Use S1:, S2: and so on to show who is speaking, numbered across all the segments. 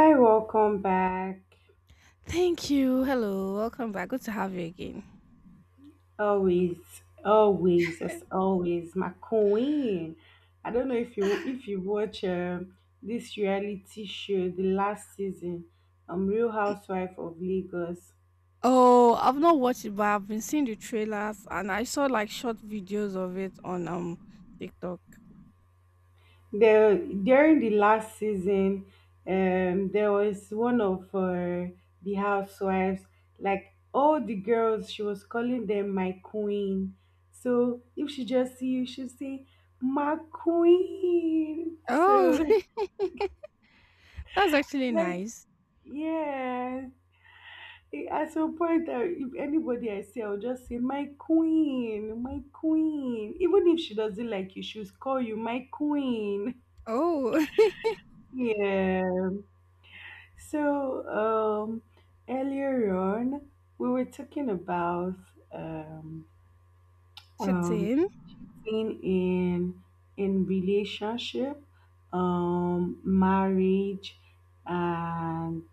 S1: Hi, welcome back.
S2: Thank you. Hello. Welcome back. Good to have you again.
S1: Always, always, as always, my queen. I don't know if you watch this reality show, the last season, Real Housewife of Lagos.
S2: Oh, I've not watched it, but I've been seeing the trailers and I saw like short videos of it on TikTok.
S1: There during the last season, there was one of the housewives, like all the girls, she was calling them my queen. So if she just see you, she'll say, my queen.
S2: Oh,
S1: So
S2: that's actually
S1: like,
S2: nice.
S1: yeah, at some point, if anybody I see, I'll just say, my queen, my queen. Even if she doesn't like you, she'll call you my queen.
S2: Oh,
S1: Yeah. So, earlier on, we were talking about um, um,
S2: cheating.
S1: being in relationship, marriage, and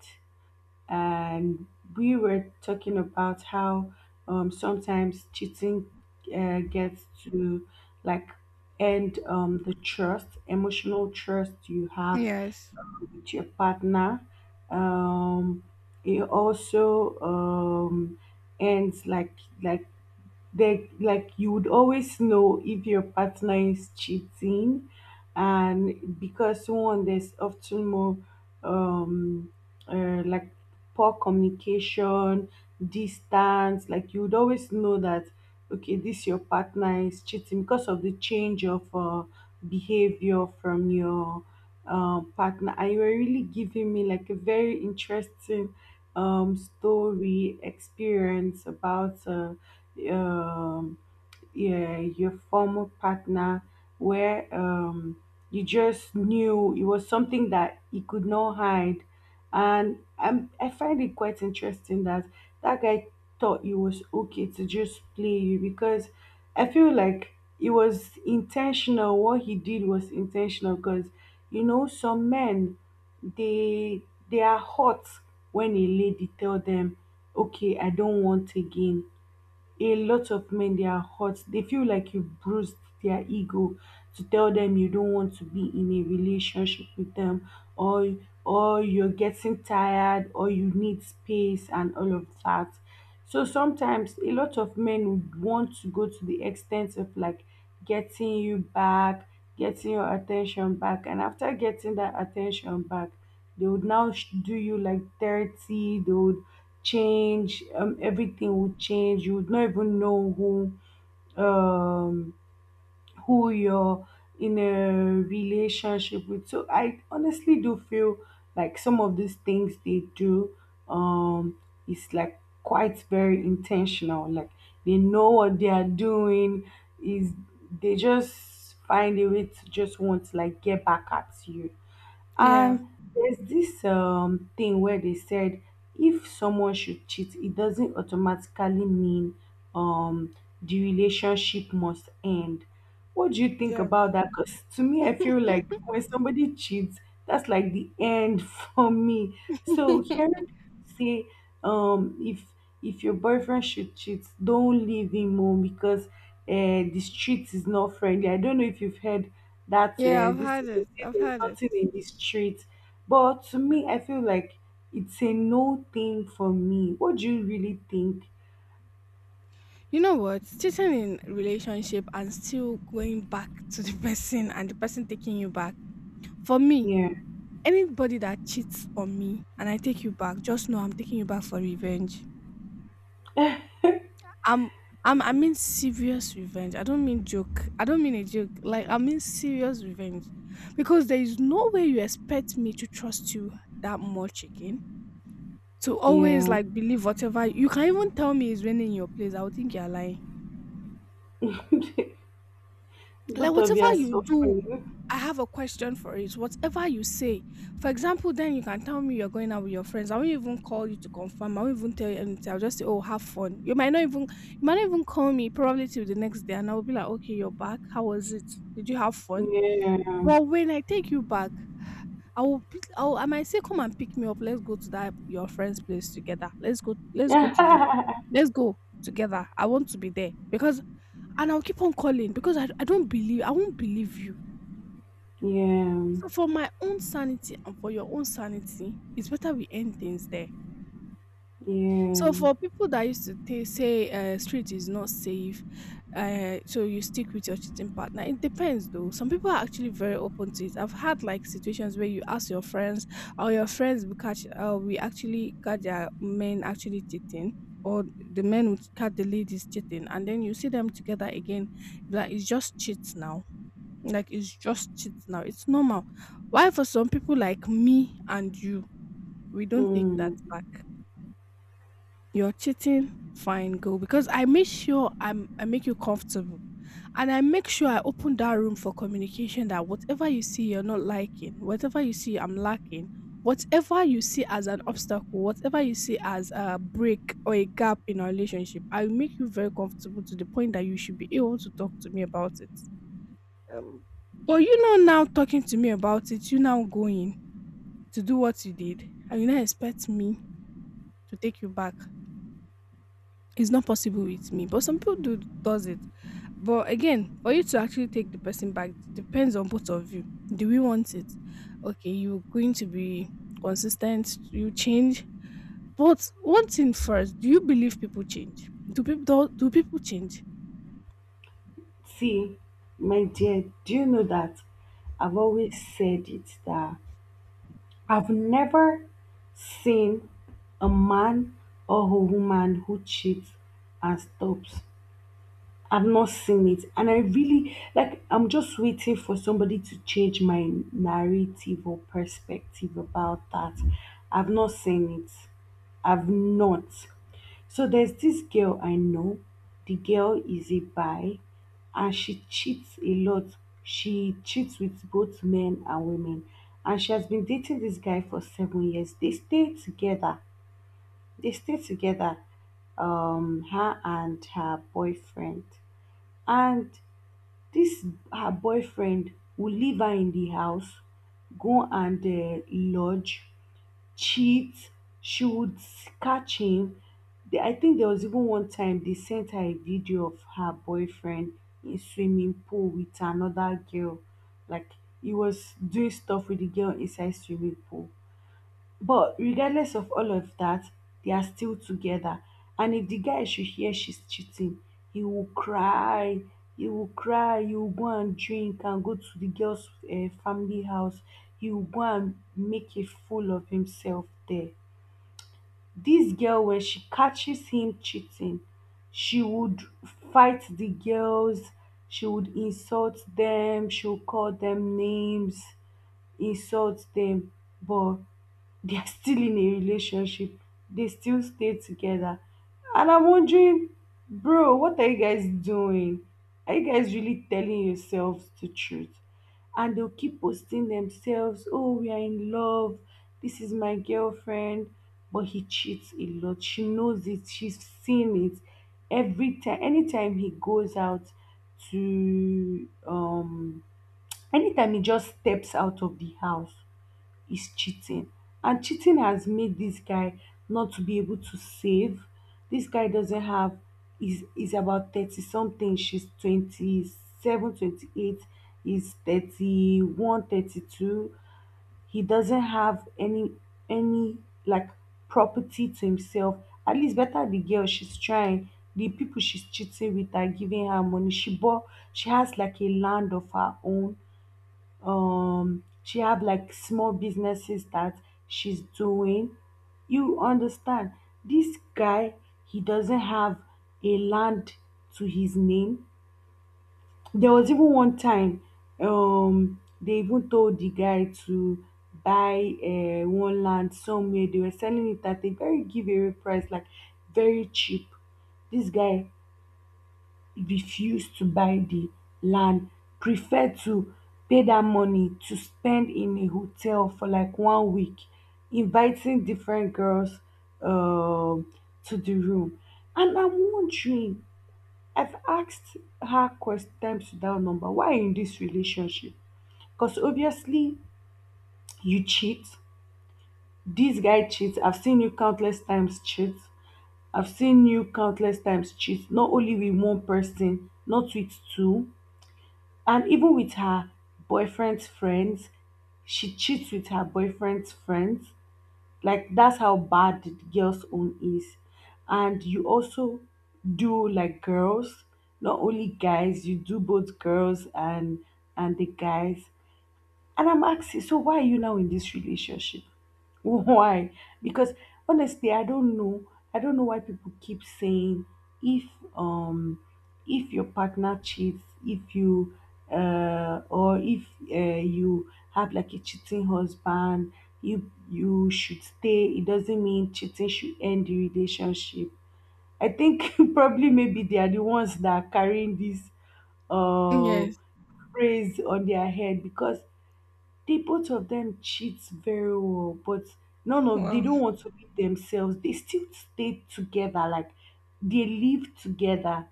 S1: and we were talking about how sometimes cheating gets to like end the trust, emotional trust you have
S2: Yes.
S1: with your partner. Um, it also um, ends like they like you would always know if your partner is cheating and because one there's often more um like poor communication distance like you would always know that okay this your partner is cheating because of the change of behavior from your partner. And you were really giving me like a very interesting story experience about um, yeah, your former partner where you just knew it was something that he could not hide. And I find it quite interesting that guy thought it was okay to just play you because I feel like it was intentional. What he did was intentional because, you know, some men, they they are hot when a lady tell them, okay, I don't want again. A lot of men they are hurt, they feel like you bruised their ego, to tell them you don't want to be in a relationship with them or you're getting tired or you need space and all of that. So sometimes a lot of men would want to go to the extent of like getting you back, getting your attention back, and after getting that attention back they would now do you like 30, they would change, everything would change. You would not even know um who you're in a relationship with. So I honestly do feel like some of these things they do um is like quite very intentional. Like they know what they are doing, is they just find a way to just want to like get back at you.
S2: Yeah.
S1: And there's this thing where they said if someone should cheat, it doesn't automatically mean um, the relationship must end. What do you think
S2: Yeah.
S1: about that? Because to me, I feel like when somebody cheats, that's like the end for me. So hearing people say if your boyfriend should cheat, don't leave him home because the street is not friendly. I don't know if you've heard that
S2: Yeah, I've
S1: this
S2: had
S1: thing, they
S2: it.
S1: say
S2: I've
S1: there's
S2: had it.
S1: nothing in the street, but to me, I feel like it's a no thing for me. What do you really think?
S2: You know what? Cheating in relationship and still going back to the person and the person taking you back. For me,
S1: Yeah,
S2: anybody that cheats on me and I take you back, just know I'm taking you back for revenge. I'm I mean serious revenge. I don't mean joke. I don't mean a joke. Like I mean serious revenge. Because there is no way you expect me to trust you that much again. To always
S1: yeah.
S2: like believe whatever you can even tell me is raining in your place. I would think you're lying. Like
S1: Both of you
S2: whatever
S1: are
S2: you do,
S1: suffering.
S2: I have a question for it, whatever you say. For example, then you can tell me you're going out with your friends. I won't even call you to confirm. I won't even tell you anything. I'll just say, oh, have fun. You might not even you might not even call me probably till the next day. And I'll be like, okay, you're back. How was it? Did you have fun?
S1: Yeah,
S2: But when I take you back, I will pick, I, will, I might say, come and pick me up. Let's go to that your friend's place together. Let's go. Let's go to the.
S1: yeah,
S2: Let's go together. I want to be there because, and I'll keep on calling because I don't believe I won't believe you.
S1: yeah.
S2: So for my own sanity and for your own sanity, it's better we end things there. So for people that used to say, street is not safe, so you stick with your cheating partner. It depends though. Some people are actually very open to it. I've had like situations where you ask your friends, or your friends will catch, we actually catch their men actually cheating, or the men would catch the ladies cheating, and then you see them together again. Like it's just cheats now. Like it's just cheats now. It's normal. Why for some people like me and you, we don't take that
S1: Mm.
S2: back. You're cheating? Fine, go. Because I make sure I make you comfortable. And I make sure I open that room for communication that whatever you see you're not liking, whatever you see I'm lacking, whatever you see as an obstacle, whatever you see as a break or a gap in our relationship, I make you very comfortable to the point that you should be able to talk to me about it. Um, But you know now talking to me about it, you now going to do what you did and you now expect me to take you back. It's not possible with me, but some people do does it. But again, for you to actually take the person back depends on both of you. Do we want it? Okay, you're going to be consistent. You change, but one thing first: Do you believe people change? Do people change?
S1: See, my dear, do you know that I've always said it that I've never seen a man or a woman who cheats and stops. I've not seen it. And I really, like, I'm just waiting for somebody to change my narrative or perspective about that. I've not seen it. I've not. So there's this girl I know. The girl is a bi and she cheats a lot. She cheats with both men and women. And she has been dating this guy for 7 years. They stay together. They stay together, her and her boyfriend. And this her boyfriend will leave her in the house, go and lodge, cheat. She would catch him. I think there was even one time they sent her a video of her boyfriend in swimming pool with another girl. Like he was doing stuff with the girl inside swimming pool, but regardless of all of that, they are still together. And if the guy should hear she's cheating, he will cry he will cry, he will go and drink and go to the girl's family house, he will go and make a fool of himself there. This girl, when she catches him cheating, she would fight the girls, she would call them names, insult them. But they are still in a relationship. They still stay together. And I'm wondering, bro, what are you guys doing? Are you guys really telling yourselves the truth? And they'll keep posting themselves, oh, we are in love. This is my girlfriend. But he cheats a lot. She knows it. She's seen it every time. Anytime he goes out to, anytime he just steps out of the house is cheating. And cheating has made this guy not to be able to save. This guy doesn't have, is about 30 something. She's 27, 28. 28. He's 31, 32. He doesn't have any any like property to himself. At least better the girl, she's trying. The people she's cheating with are giving her money. She has like a land of her own, she have like small businesses that she's doing, you understand. This guy, he doesn't have a land to his name. There was even one time they even told the guy to buy one land somewhere, they were selling it at a very giveaway price, like very cheap. This guy refused to buy the land, preferred to pay that money to spend in a hotel for like 1 week, inviting different girls um to the room. And I'm wondering, I've asked her quest times without number, why are you in this relationship? Because obviously you cheat. This guy cheats. I've seen you countless times cheat. I've seen you countless times cheat, not only with one person, not with two. And even with her boyfriend's friends, she cheats with her boyfriend's friends. Like that's how bad the girl's own is. And you also do like girls, not only guys, you do both girls and the guys. And I'm asking, so why are you now in this relationship? Why? Because honestly, I don't know. I don't know why people keep saying if um if your partner cheats, if you or if uh, you have like a cheating husband, you should stay. It doesn't mean cheating should end the relationship. I think probably maybe they are the ones that are carrying this uh
S2: Yes.
S1: phrase on their head because the both of them cheat very well, but none of they
S2: Wow.
S1: don't want to leave themselves. They still stay together, like they live together.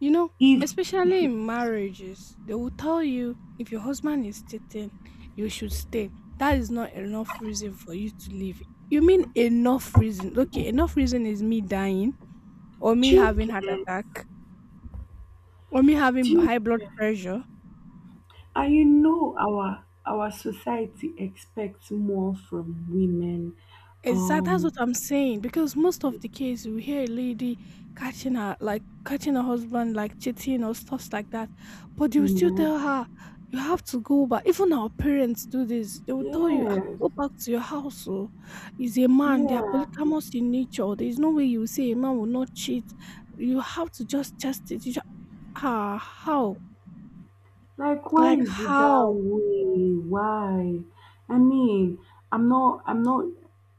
S2: You know,
S1: If
S2: especially in marriages, they will tell you if your husband is cheating, you should stay. That is not enough reason for you to leave. You mean enough reason? Okay, enough reason is me dying, or me having heart
S1: children,
S2: attack, or me having
S1: children,
S2: high blood pressure.
S1: and you know our society expects more from women.
S2: Exactly, that's what I'm
S1: Um,
S2: saying. Because most of the case, we hear a lady catching her, like catching her husband, like cheating or stuff like that. But they will still
S1: yeah,
S2: tell her, you have to go back. Even our parents do this. They will tell you, "Ah,
S1: yes,
S2: go back to your house. Oh. He's a man. They are
S1: yeah.
S2: polygamous in nature. There is no way you will say a man will not cheat. You have to just test it. You just, ah, how?
S1: Like, why
S2: Like
S1: is it that
S2: how?
S1: way? Why? I mean, I'm not,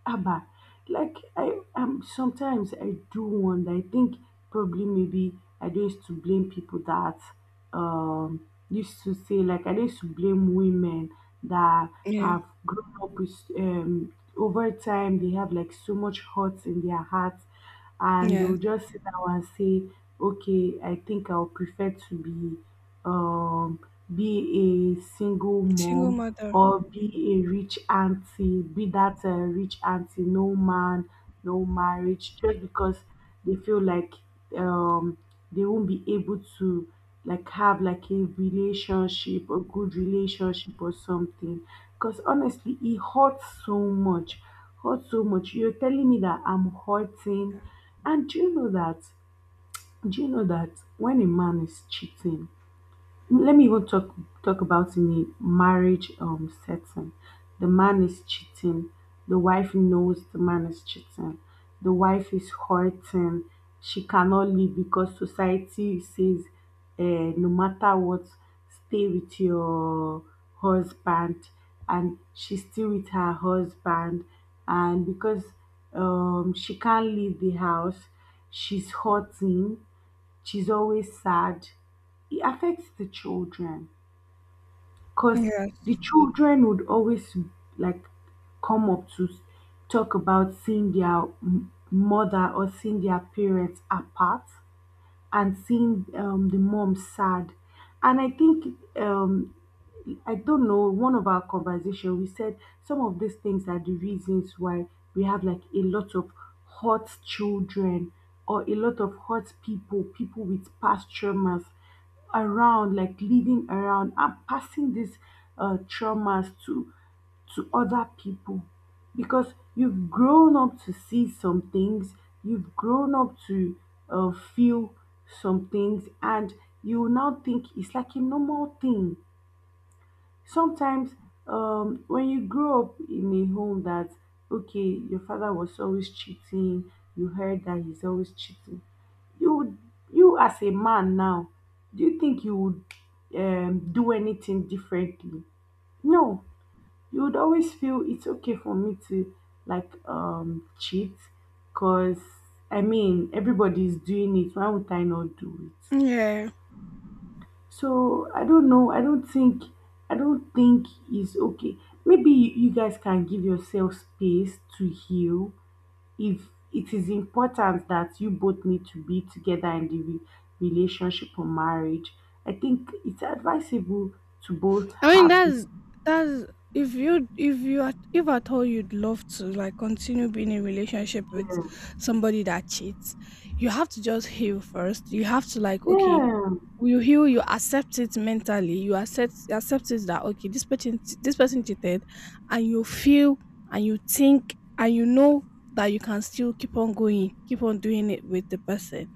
S1: Abba. Like, I, sometimes I do wonder. I think probably maybe I don't used to blame people that, used to say like I don't used to blame women that
S2: Yeah.
S1: have grown up with over time. They have like so much hurt in their hearts and
S2: Yes.
S1: they'll just sit down and say okay I think I'll prefer to um be a single
S2: Single
S1: mom
S2: mother.
S1: or be a rich auntie, be that rich auntie, no man, no marriage, just because they feel like um they won't be able to like have like a relationship, a good relationship or something. Because honestly it hurts so much, hurts so much. You're telling me that I'm hurting. And do you know that do you know that when a man is cheating, let me even talk about in a marriage setting. The man is cheating. The wife knows the man is cheating. The wife is hurting. She cannot leave because society says, uh, no matter what, stay with your husband. And she's still with her husband. And because she can't leave the house, she's hurting, she's always sad. It affects the children because the
S2: Yes.
S1: children would always like come up to s- talk about seeing their mother or seeing their parents apart and seeing the mom sad. And I think I don't know, one of our conversation, we said some of these things are the reasons why we have like a lot of hurt children or a lot of hurt people, people with past traumas around, like leading around and passing these traumas to other people. Because you've grown up to see some things, you've grown up to feel some things, and you now think it's like a normal thing. Sometimes, when you grow up in a home that, okay, your father was always cheating, you heard that he's always cheating, you would, you as a man now, do you think you would do anything differently? No, you would always feel it's okay for me to like cheat because I mean everybody's doing it. Why would I not do it?
S2: Yeah.
S1: So I don't know. I don't think. I don't think it's okay. Maybe you guys can give yourself space to heal. If it is important that you both need to be together in the relationship or marriage, I think it's advisable to both
S2: I mean
S1: have the
S2: that's
S1: same.
S2: that's if at all you'd love to like continue being in relationship with somebody that cheats, you have to just heal first. You have to like okay,
S1: Yeah,
S2: you heal, you accept it mentally. you accept it that okay, this person cheated, and you feel and you think and you know that you can still keep on going, keep on doing it with the person,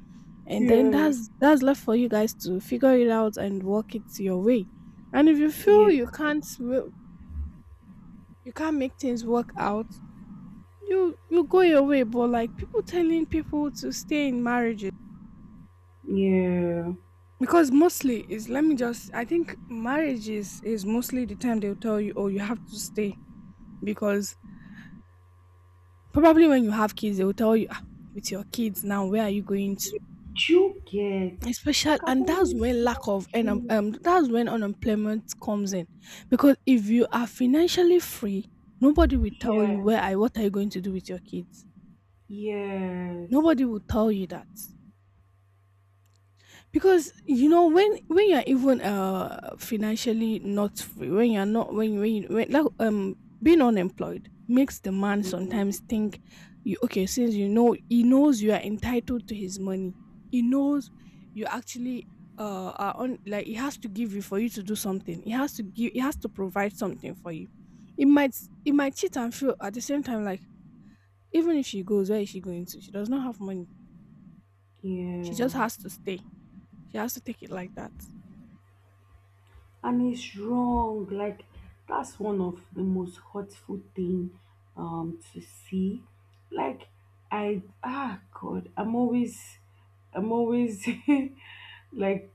S2: and then
S1: yeah,
S2: that's left for you guys to figure it out and work it your way. And if you feel
S1: yeah,
S2: you can't you can't make things work out, you go your way. But like people telling people to stay in marriages,
S1: yeah.
S2: because mostly is, let me just, I think marriage is mostly the time they'll tell you, oh, you have to stay because probably when you have kids, they'll tell you, "Ah, with your kids now, where are you going to,
S1: You get.
S2: especially,
S1: Like, I'm
S2: and that's
S1: always
S2: when lack of and
S1: wondering.
S2: that's when unemployment comes in. Because if you are financially free, nobody will tell you where
S1: Yes,
S2: I what are you going to do with your kids.
S1: yes,
S2: Nobody will tell you that, because you know when you're even financially not free, when you're not when like being unemployed makes the man
S1: yes.
S2: sometimes think you okay, since you know he knows you are entitled to his money. He knows you actually are on, like he has to give you for you to do something, he has to provide something for you. It might it might cheat and feel at the same time like, even if she goes, where is she going to, she does not have money. She
S1: Yeah,
S2: just has to stay. She has to take it like that.
S1: and it's wrong. Like, that's one of the most hurtful thing to see. Like, I, ah God, I'm always like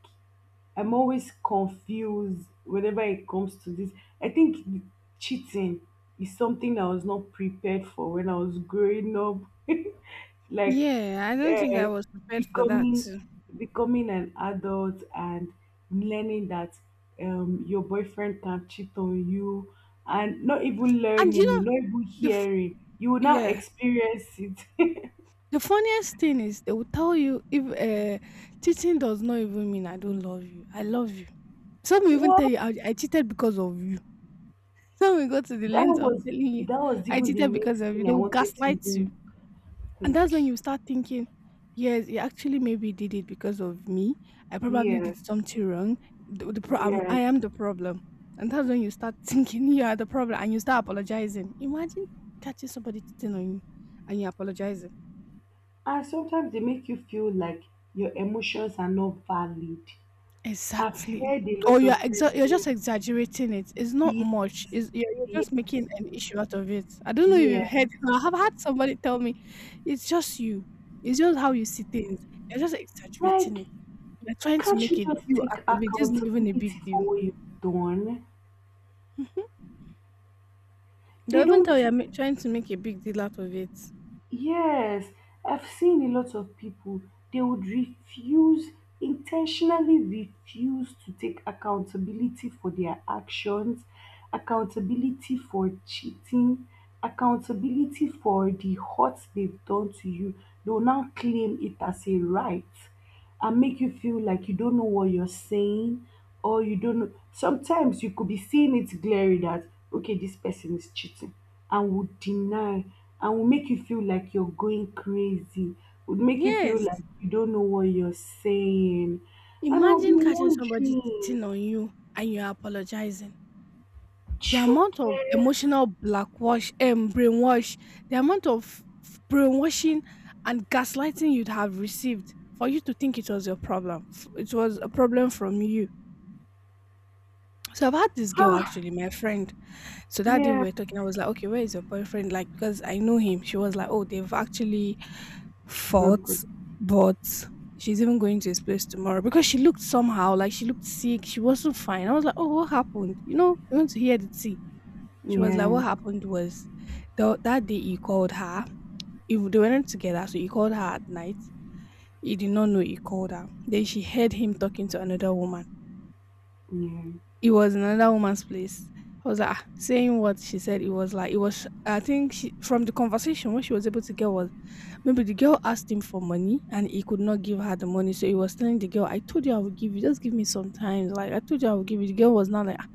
S1: I'm always confused whenever it comes to this. I think cheating is something I was not prepared for when I was growing up. Like,
S2: Yeah, I don't think
S1: uh,
S2: I was prepared for that
S1: becoming
S2: too.
S1: becoming an adult and learning that your boyfriend can cheat on you and
S2: And you know,
S1: not even
S2: The f-
S1: hearing, you will now
S2: yeah,
S1: experience it.
S2: the funniest thing is they will tell you if, cheating does not even mean I don't love you. I love you. Some will even
S1: What?
S2: tell you I cheated because of you. Some will go to the
S1: that
S2: length of
S1: was
S2: telling you
S1: that was
S2: I
S1: even the
S2: cheated because
S1: next
S2: of you.
S1: thing
S2: They
S1: I
S2: will
S1: wanted to
S2: gaslight.
S1: even.
S2: And
S1: Hmm.
S2: that's when you start thinking, yes, he actually maybe did it because of me. I probably did
S1: Yes,
S2: something wrong.
S1: yes.
S2: I am the problem. And that's when you start thinking you are the problem and you start apologizing. Imagine catching somebody cheating on you and you're apologizing.
S1: And sometimes they make you feel like your emotions are not valid. I've
S2: Exactly.
S1: heard a
S2: Or
S1: lot of times
S2: you're
S1: where
S2: just exaggerating it. It's not
S1: yeah,
S2: much. You're
S1: yeah,
S2: just making an issue out of it. I don't know if you've
S1: yeah.
S2: heard. I have had somebody tell me, it's just you. It's just how you see things. You're just exaggerating
S1: Like,
S2: it. You're trying to
S1: can't you
S2: make a
S1: just
S2: deal
S1: take
S2: out of it. This is not even a big
S1: accountability for
S2: deal.
S1: what you've done?
S2: They'll
S1: They
S2: even
S1: don't
S2: tell you
S1: take.
S2: I'm trying to make a big deal out of it.
S1: Yes, I've seen a lot of people, they would refuse, intentionally refuse to take accountability for their actions, accountability for cheating, accountability for the hurt they've done to you. They'll now claim it as a right, and make you feel like you don't know what you're saying, or you don't know. Sometimes you could be seeing it glaring that, okay, this person is cheating, and will deny, and will make you feel like you're going crazy, would make you feel
S2: Yes.
S1: like you don't know what you're saying. And I'll be
S2: Imagine catching somebody
S1: wondering,
S2: cheating on you and you're apologizing. The amount of
S1: children,
S2: emotional blackwash and brainwash, the amount of brainwashing and gaslighting you'd have received for you to think it was your problem. It was a problem from you. So I've had this girl
S1: ah,
S2: actually, my friend. So that day we
S1: yeah,
S2: were talking, I was like, okay, where is your boyfriend? Like, because I know him. She was like, oh, they've actually fought,
S1: broken,
S2: but she's even going to his place tomorrow because she looked somehow like she looked sick. She wasn't fine. I was like, oh, what happened? You know, we want to hear the tea. She was like,
S1: yeah,
S2: what happened was that day he called her. If they weren't together, so he called her at night. He did not know he called her. Then she heard him talking to another woman,
S1: yeah,
S2: it was another woman's place. I was like, ah, saying what she said, it was like, it was, I think she, from the conversation, what she was able to get was maybe the girl asked him for money and he could not give her the money. So he was telling the girl, I told you I would give you, just give me some time. Like, I told you I would give you. The girl was not like, "Ah,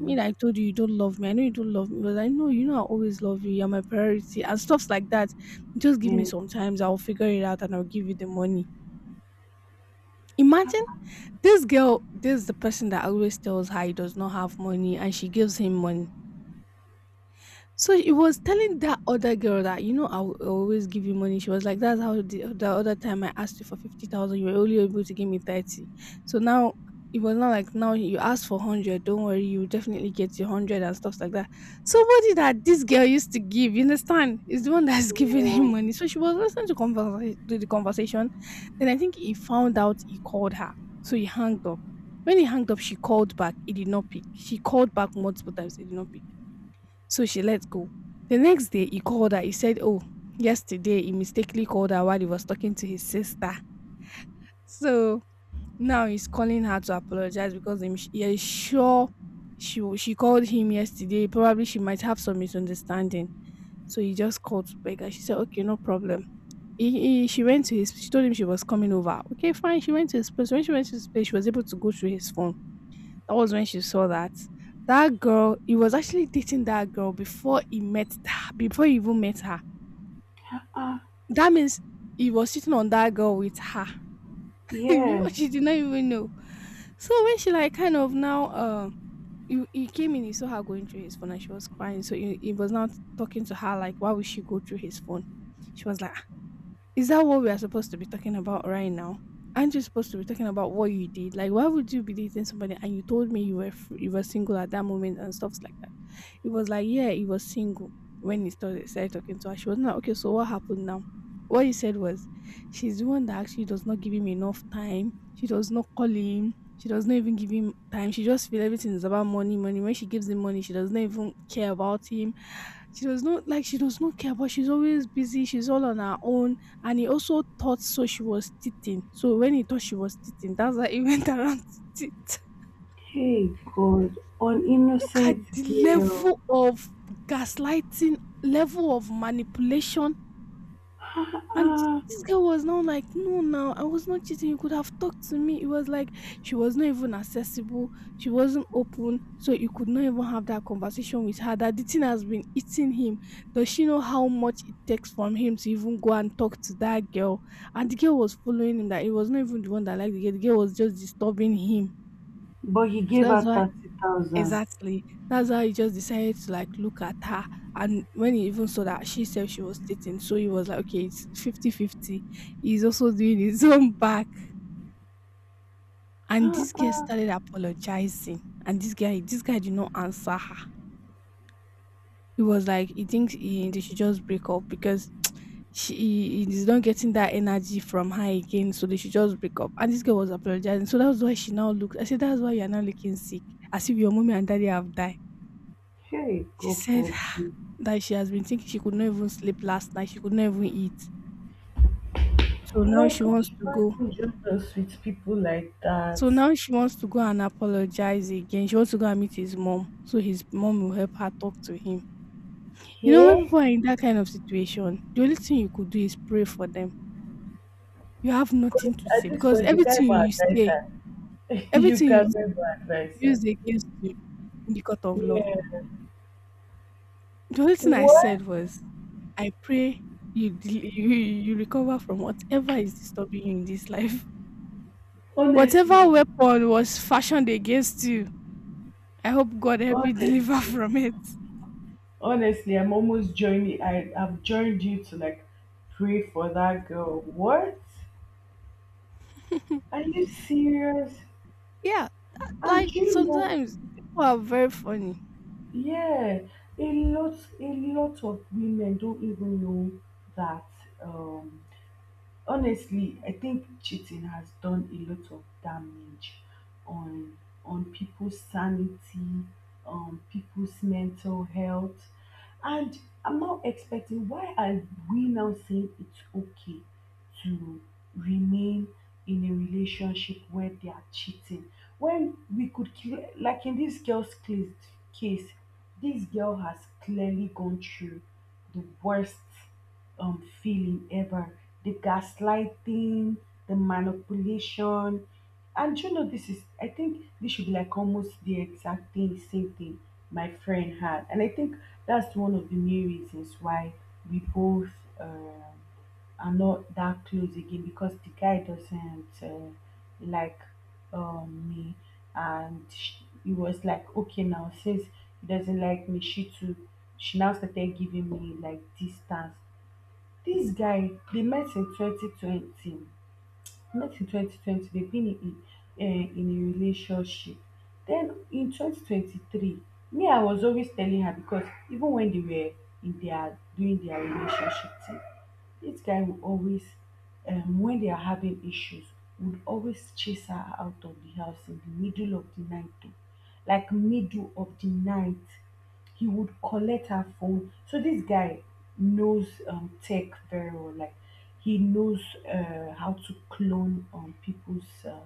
S2: me, that I told you you don't love me. I know you don't love me, but I know you know I always love you. You're my priority and stuffs like that. Just give
S1: yeah, yeah,
S2: me some times. I'll figure it out and I'll give you the money. Imagine this girl, this is the person that always tells her he does not have money and she gives him money. So he was telling that other girl that, you know, I will always give you money. She was like, that's how the other time I asked you for 50,000, you were only able to give me 30. So now it was not like, now you ask for 100, don't worry, you definitely get your 100 and stuff like that. Somebody that this girl used to give, you understand, is the one that's giving
S1: yeah.
S2: him money. So she was listening to, to the conversation. Then I think he found out he called her. So he hung up. When he hung up, she called back. He did not pick. She called back multiple times. He did not pick, so she let go. The next day he called her. He said, oh, yesterday he mistakenly called her while he was talking to his sister. So now he's calling her to apologize because he is sure she called him yesterday. Probably she might have some misunderstanding. So he just called to beg her. She said, okay, no problem. She went to his, she told him she was coming over. Okay, fine. She went to his place. When she went to his place, she was able to go through his phone. That was when she saw that. That girl, he was actually dating that girl before he met her, before he even met her.
S1: Ah,
S2: That means he was sitting on that girl with her. Before,
S1: yes.
S2: she did not even know. So when she like kind of now, he came in, he saw her going through his phone and she was crying. So he was now talking to her like why would she go through his phone? She was like, is that what we are supposed to be talking about right now? Aren't you supposed to be talking about what you did? Like, why would you be dating somebody and you told me you were single at that moment and stuff like that? It was like, yeah, he was single when he started talking to her. She was not okay. So what happened now? What he said was, she's the one that actually does not give him enough time. She does not call him. She does not even give him time. She just feel everything is about money, money. When she gives him money, she does not even care about him. She does not, like, she does not care, but she's always busy, she's all on her own. And he also thought so she was teething. So when he thought she was teething, that's why he went around to teeth.
S1: Hey God, on
S2: Look
S1: innocent
S2: at the
S1: girl.
S2: level of gaslighting, level of manipulation. And
S1: Ah,
S2: this girl was now like, no, now I was not cheating. You could have talked to me. It was like she was not even accessible. She wasn't open. So you could not even have that conversation with her. That the thing has been eating him. Does she know how much it takes from him to even go and talk to that girl? And the girl was following him, that it was not even the one that liked the girl. The girl was just disturbing him.
S1: but he
S2: So
S1: gave
S2: that's
S1: her
S2: why.
S1: 30,000.
S2: Exactly. That's how he just decided to like look at her. And when he even saw that she said she was dating, so he was like, okay, it's fifty-fifty. He's also doing his own back. And
S1: Ah,
S2: this girl
S1: ah,
S2: started apologizing. And this guy did not answer her. He was like, he thinks they should just break up because she he is not getting that energy from her again, so they should just break up. And this girl was apologizing. So that's why she now looks. I said, that's why you're now looking sick, as if your mommy and daddy have died.
S1: hey,
S2: She
S1: God
S2: said
S1: forbid.
S2: that she has been thinking, she could not even sleep last night, she could not even eat. So now
S1: Like,
S2: she
S1: God
S2: wants
S1: should
S2: to
S1: not
S2: go
S1: even join us with people like that.
S2: so now she wants to go and apologize again. She wants to go and meet his mom, so his mom will help her talk to him. You know,
S1: Yeah?
S2: when people are in that kind of situation, the only thing you could do is pray for them. You have nothing
S1: Because
S2: to say
S1: at this
S2: because
S1: point, you can't even advise her. You
S2: everything you
S1: can't even
S2: say
S1: advise her.
S2: used against you in the court of law.
S1: Yeah.
S2: The only thing I
S1: What?
S2: said was, I pray you recover from whatever is disturbing you in this life. Whatever
S1: Honestly,
S2: weapon was fashioned against you, I hope God help you
S1: honestly,
S2: deliver from it.
S1: Honestly, I'm almost joining. I've joined you to like pray for that girl. What? Are you serious?
S2: Yeah,
S1: And
S2: like
S1: do you know,
S2: sometimes people are very funny.
S1: yeah, a lot of women don't even know that um, honestly, I think cheating has done a lot of damage on people's sanity, people's mental health, and I'm not expecting, why are we now saying it's okay to remain in a relationship where they are cheating, when we could clear, like, in this girl's case, this girl has clearly gone through the worst feeling ever. The gaslighting, the manipulation. And you know, this is, I think this should be like almost the exact thing, same thing my friend had. And I think that's one of the main reasons why we both um are not that close again, because the guy doesn't like me. And sh he was like, okay, now since he doesn't like me, she too, she now started giving me like distance. This guy, they met in 2020. Met in 2020. They've been in a relationship. Then in 2023, me, I was always telling her, because even when they were in their doing their relationship thing, this guy will always, when they are having issues, would always chase her out of the house in the middle of the night. Oh. Like, middle of the night, he would collect her phone. So this guy knows tech very well. Like, he knows how to clone people's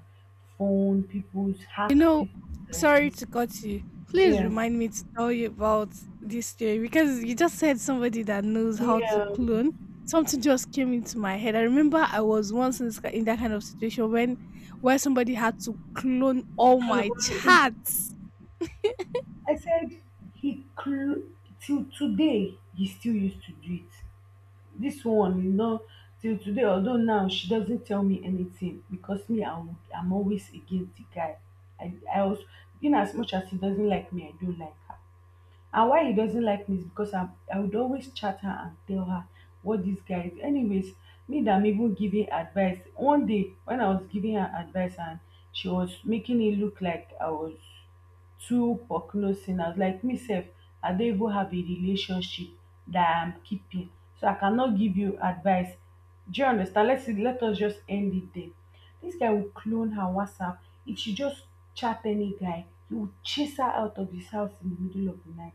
S1: phone, people's
S2: You
S1: hack,
S2: know,
S1: people's
S2: sorry
S1: this.
S2: to cut you. Please
S1: Yeah,
S2: remind me to tell you about this story, because you just said somebody that knows how to
S1: yeah,
S2: clone. Something just came into my head. I remember I was once in that kind of situation when where somebody had to clone all my
S1: clone.
S2: chats.
S1: I said he cl- till today he still used to do it. This one, till today, although now she doesn't tell me anything, because me, I'm always against the guy. I was, in as much as he doesn't like me, I do like her. And why he doesn't like me is because I would always chat her and tell her what this guy is. Anyways, me that I'm even giving advice. One day when I was giving her advice and she was making it look like I was too prognosing, I was like, myself, I don't even have a relationship that I'm keeping. So I cannot give you advice. Do you understand? Let us just end it there. This guy will clone her WhatsApp. If she just chat any guy, he will chase her out of his house in the middle of the night.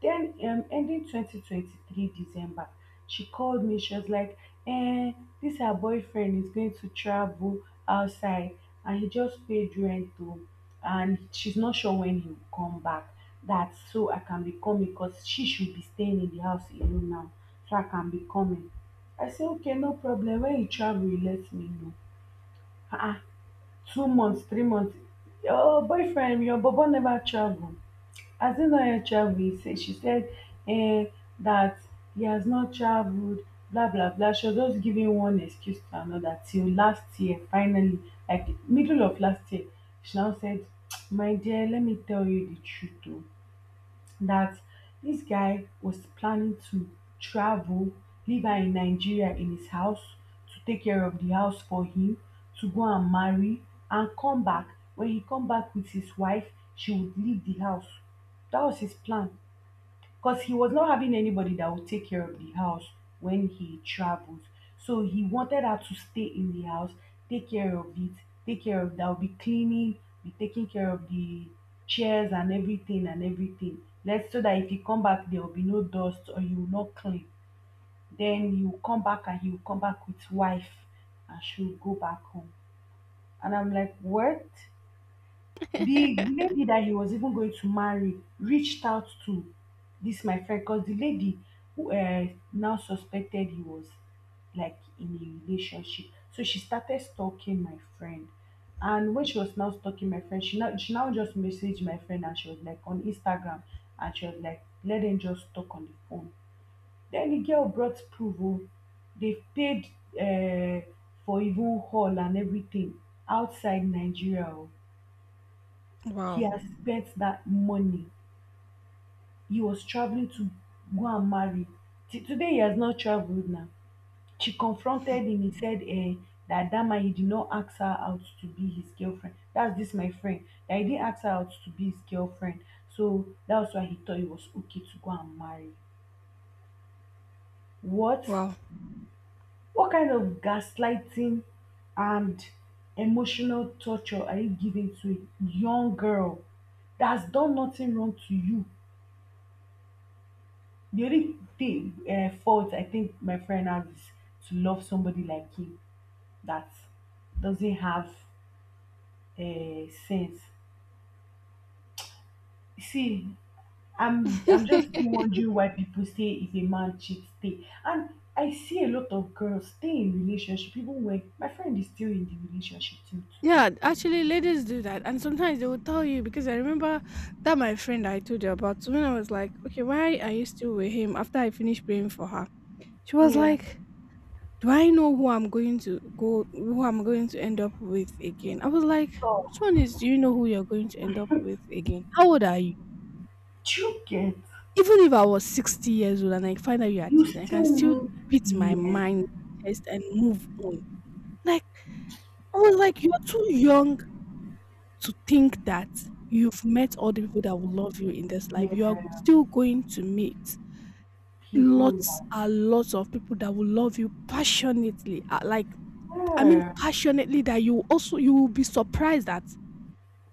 S1: Then ending 2023 December, she called me, she was like, eh, this her boyfriend is going to travel outside, and he just paid rent though, and she's not sure when he will come back. That so I can be coming, because she should be staying in the house alone now. So I can be coming. I say, okay, no problem. When you travel, you let me know. Ah, uh-uh. 2 months, 3 months. Your boyfriend, your bobo never travel. Adebayo Chaudhry said. She said, "Eh, that he has not travelled, blah blah blah." She was just giving one excuse to another till last year. Finally, like middle of last year, she now said, "My dear, let me tell you the truth oo, that this guy was planning to travel, leave her in Nigeria in his house, to take care of the house for him, to go and marry and come back. When he come back with his wife, she would leave the house." That was his plan, because he was not having anybody that would take care of the house when he traveled. So he wanted her to stay in the house, take care of it, take care of that, be cleaning, be taking care of the chairs and everything and everything. Let's so that if you come back, there will be no dust or you will not clean. Then you come back, and he will come back with wife, and she'll go back home. And I'm like, what? The lady that he was even going to marry reached out to this my friend, because the lady, who now suspected he was like in a relationship, so she started stalking my friend. And when she was now stalking my friend, she now just messaged my friend, and she was like on Instagram, and she was like, let them just talk on the phone. Then the girl brought proof oh, they paid uh, for even hall and everything, outside Nigeria oh. He
S2: Wow,
S1: has spent that money. He was traveling to go and marry. Today he has not traveled now. She confronted him. He said, that, that man, he did not ask her out to be his girlfriend. That's this my friend. That he didn't ask her out to be his girlfriend. So that's why he thought it was okay to go and marry. What?
S2: wow.
S1: What kind of gaslighting and emotional torture are you giving to a young girl that's done nothing wrong to you? The only thing, fault I think my friend has, is to love somebody like him that doesn't have sense. See, I'm just still wondering why people say, if a man cheats, stay. And I see a lot of girls stay in relationship, even when my friend is still in the relationship till today.
S2: Yeah, actually, ladies do that, and sometimes they will tell you. Because I remember that my friend I told you about, so when I was like, "Okay, why are you still with him?" After I finished praying for her, she was
S1: Yeah.
S2: like, "Do I know who I'm going to go, who I'm going to end up with again?" I was like,
S1: So,
S2: "Which one is? Do you know who you're going to end up with again? How old are you?
S1: do you get?
S2: Even if I was 60 years old and I find out you are
S1: You
S2: cheating, I can still
S1: still
S2: beat my
S1: need,
S2: mind chest and move on." Like, I was like, you're too young to think that you've met all the people that will love you in this life.
S1: yes,
S2: You are
S1: yeah,
S2: still going to meet
S1: people
S2: lots
S1: like,
S2: and lots of people that will love you passionately. Like, I mean,
S1: yeah,
S2: passionately that you also, you will be surprised that,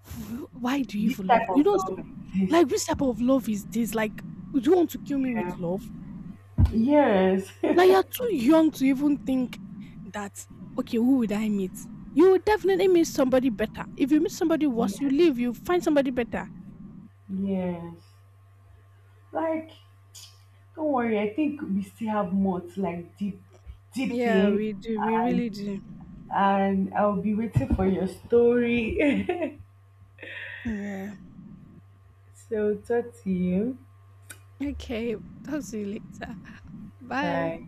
S2: "Why do you
S1: this
S2: even love
S1: type
S2: me?" You
S1: of
S2: know,
S1: love exists.
S2: like, which type of love is this? Like, do you want to kill me with
S1: Yeah.
S2: love?
S1: Yes.
S2: Now you're too young to even think that. Okay, who would I meet? You will definitely meet somebody better. If you meet somebody worse, you
S1: Yes.
S2: leave. You find somebody better.
S1: Yes. Like, don't worry. I think we still have more to like deep, deep
S2: Yeah, we
S1: in,
S2: do. We
S1: and
S2: really do.
S1: and I'll be waiting for your story.
S2: Yeah.
S1: So talk to you.
S2: Okay. Talk to you later. Bye.
S1: Bye.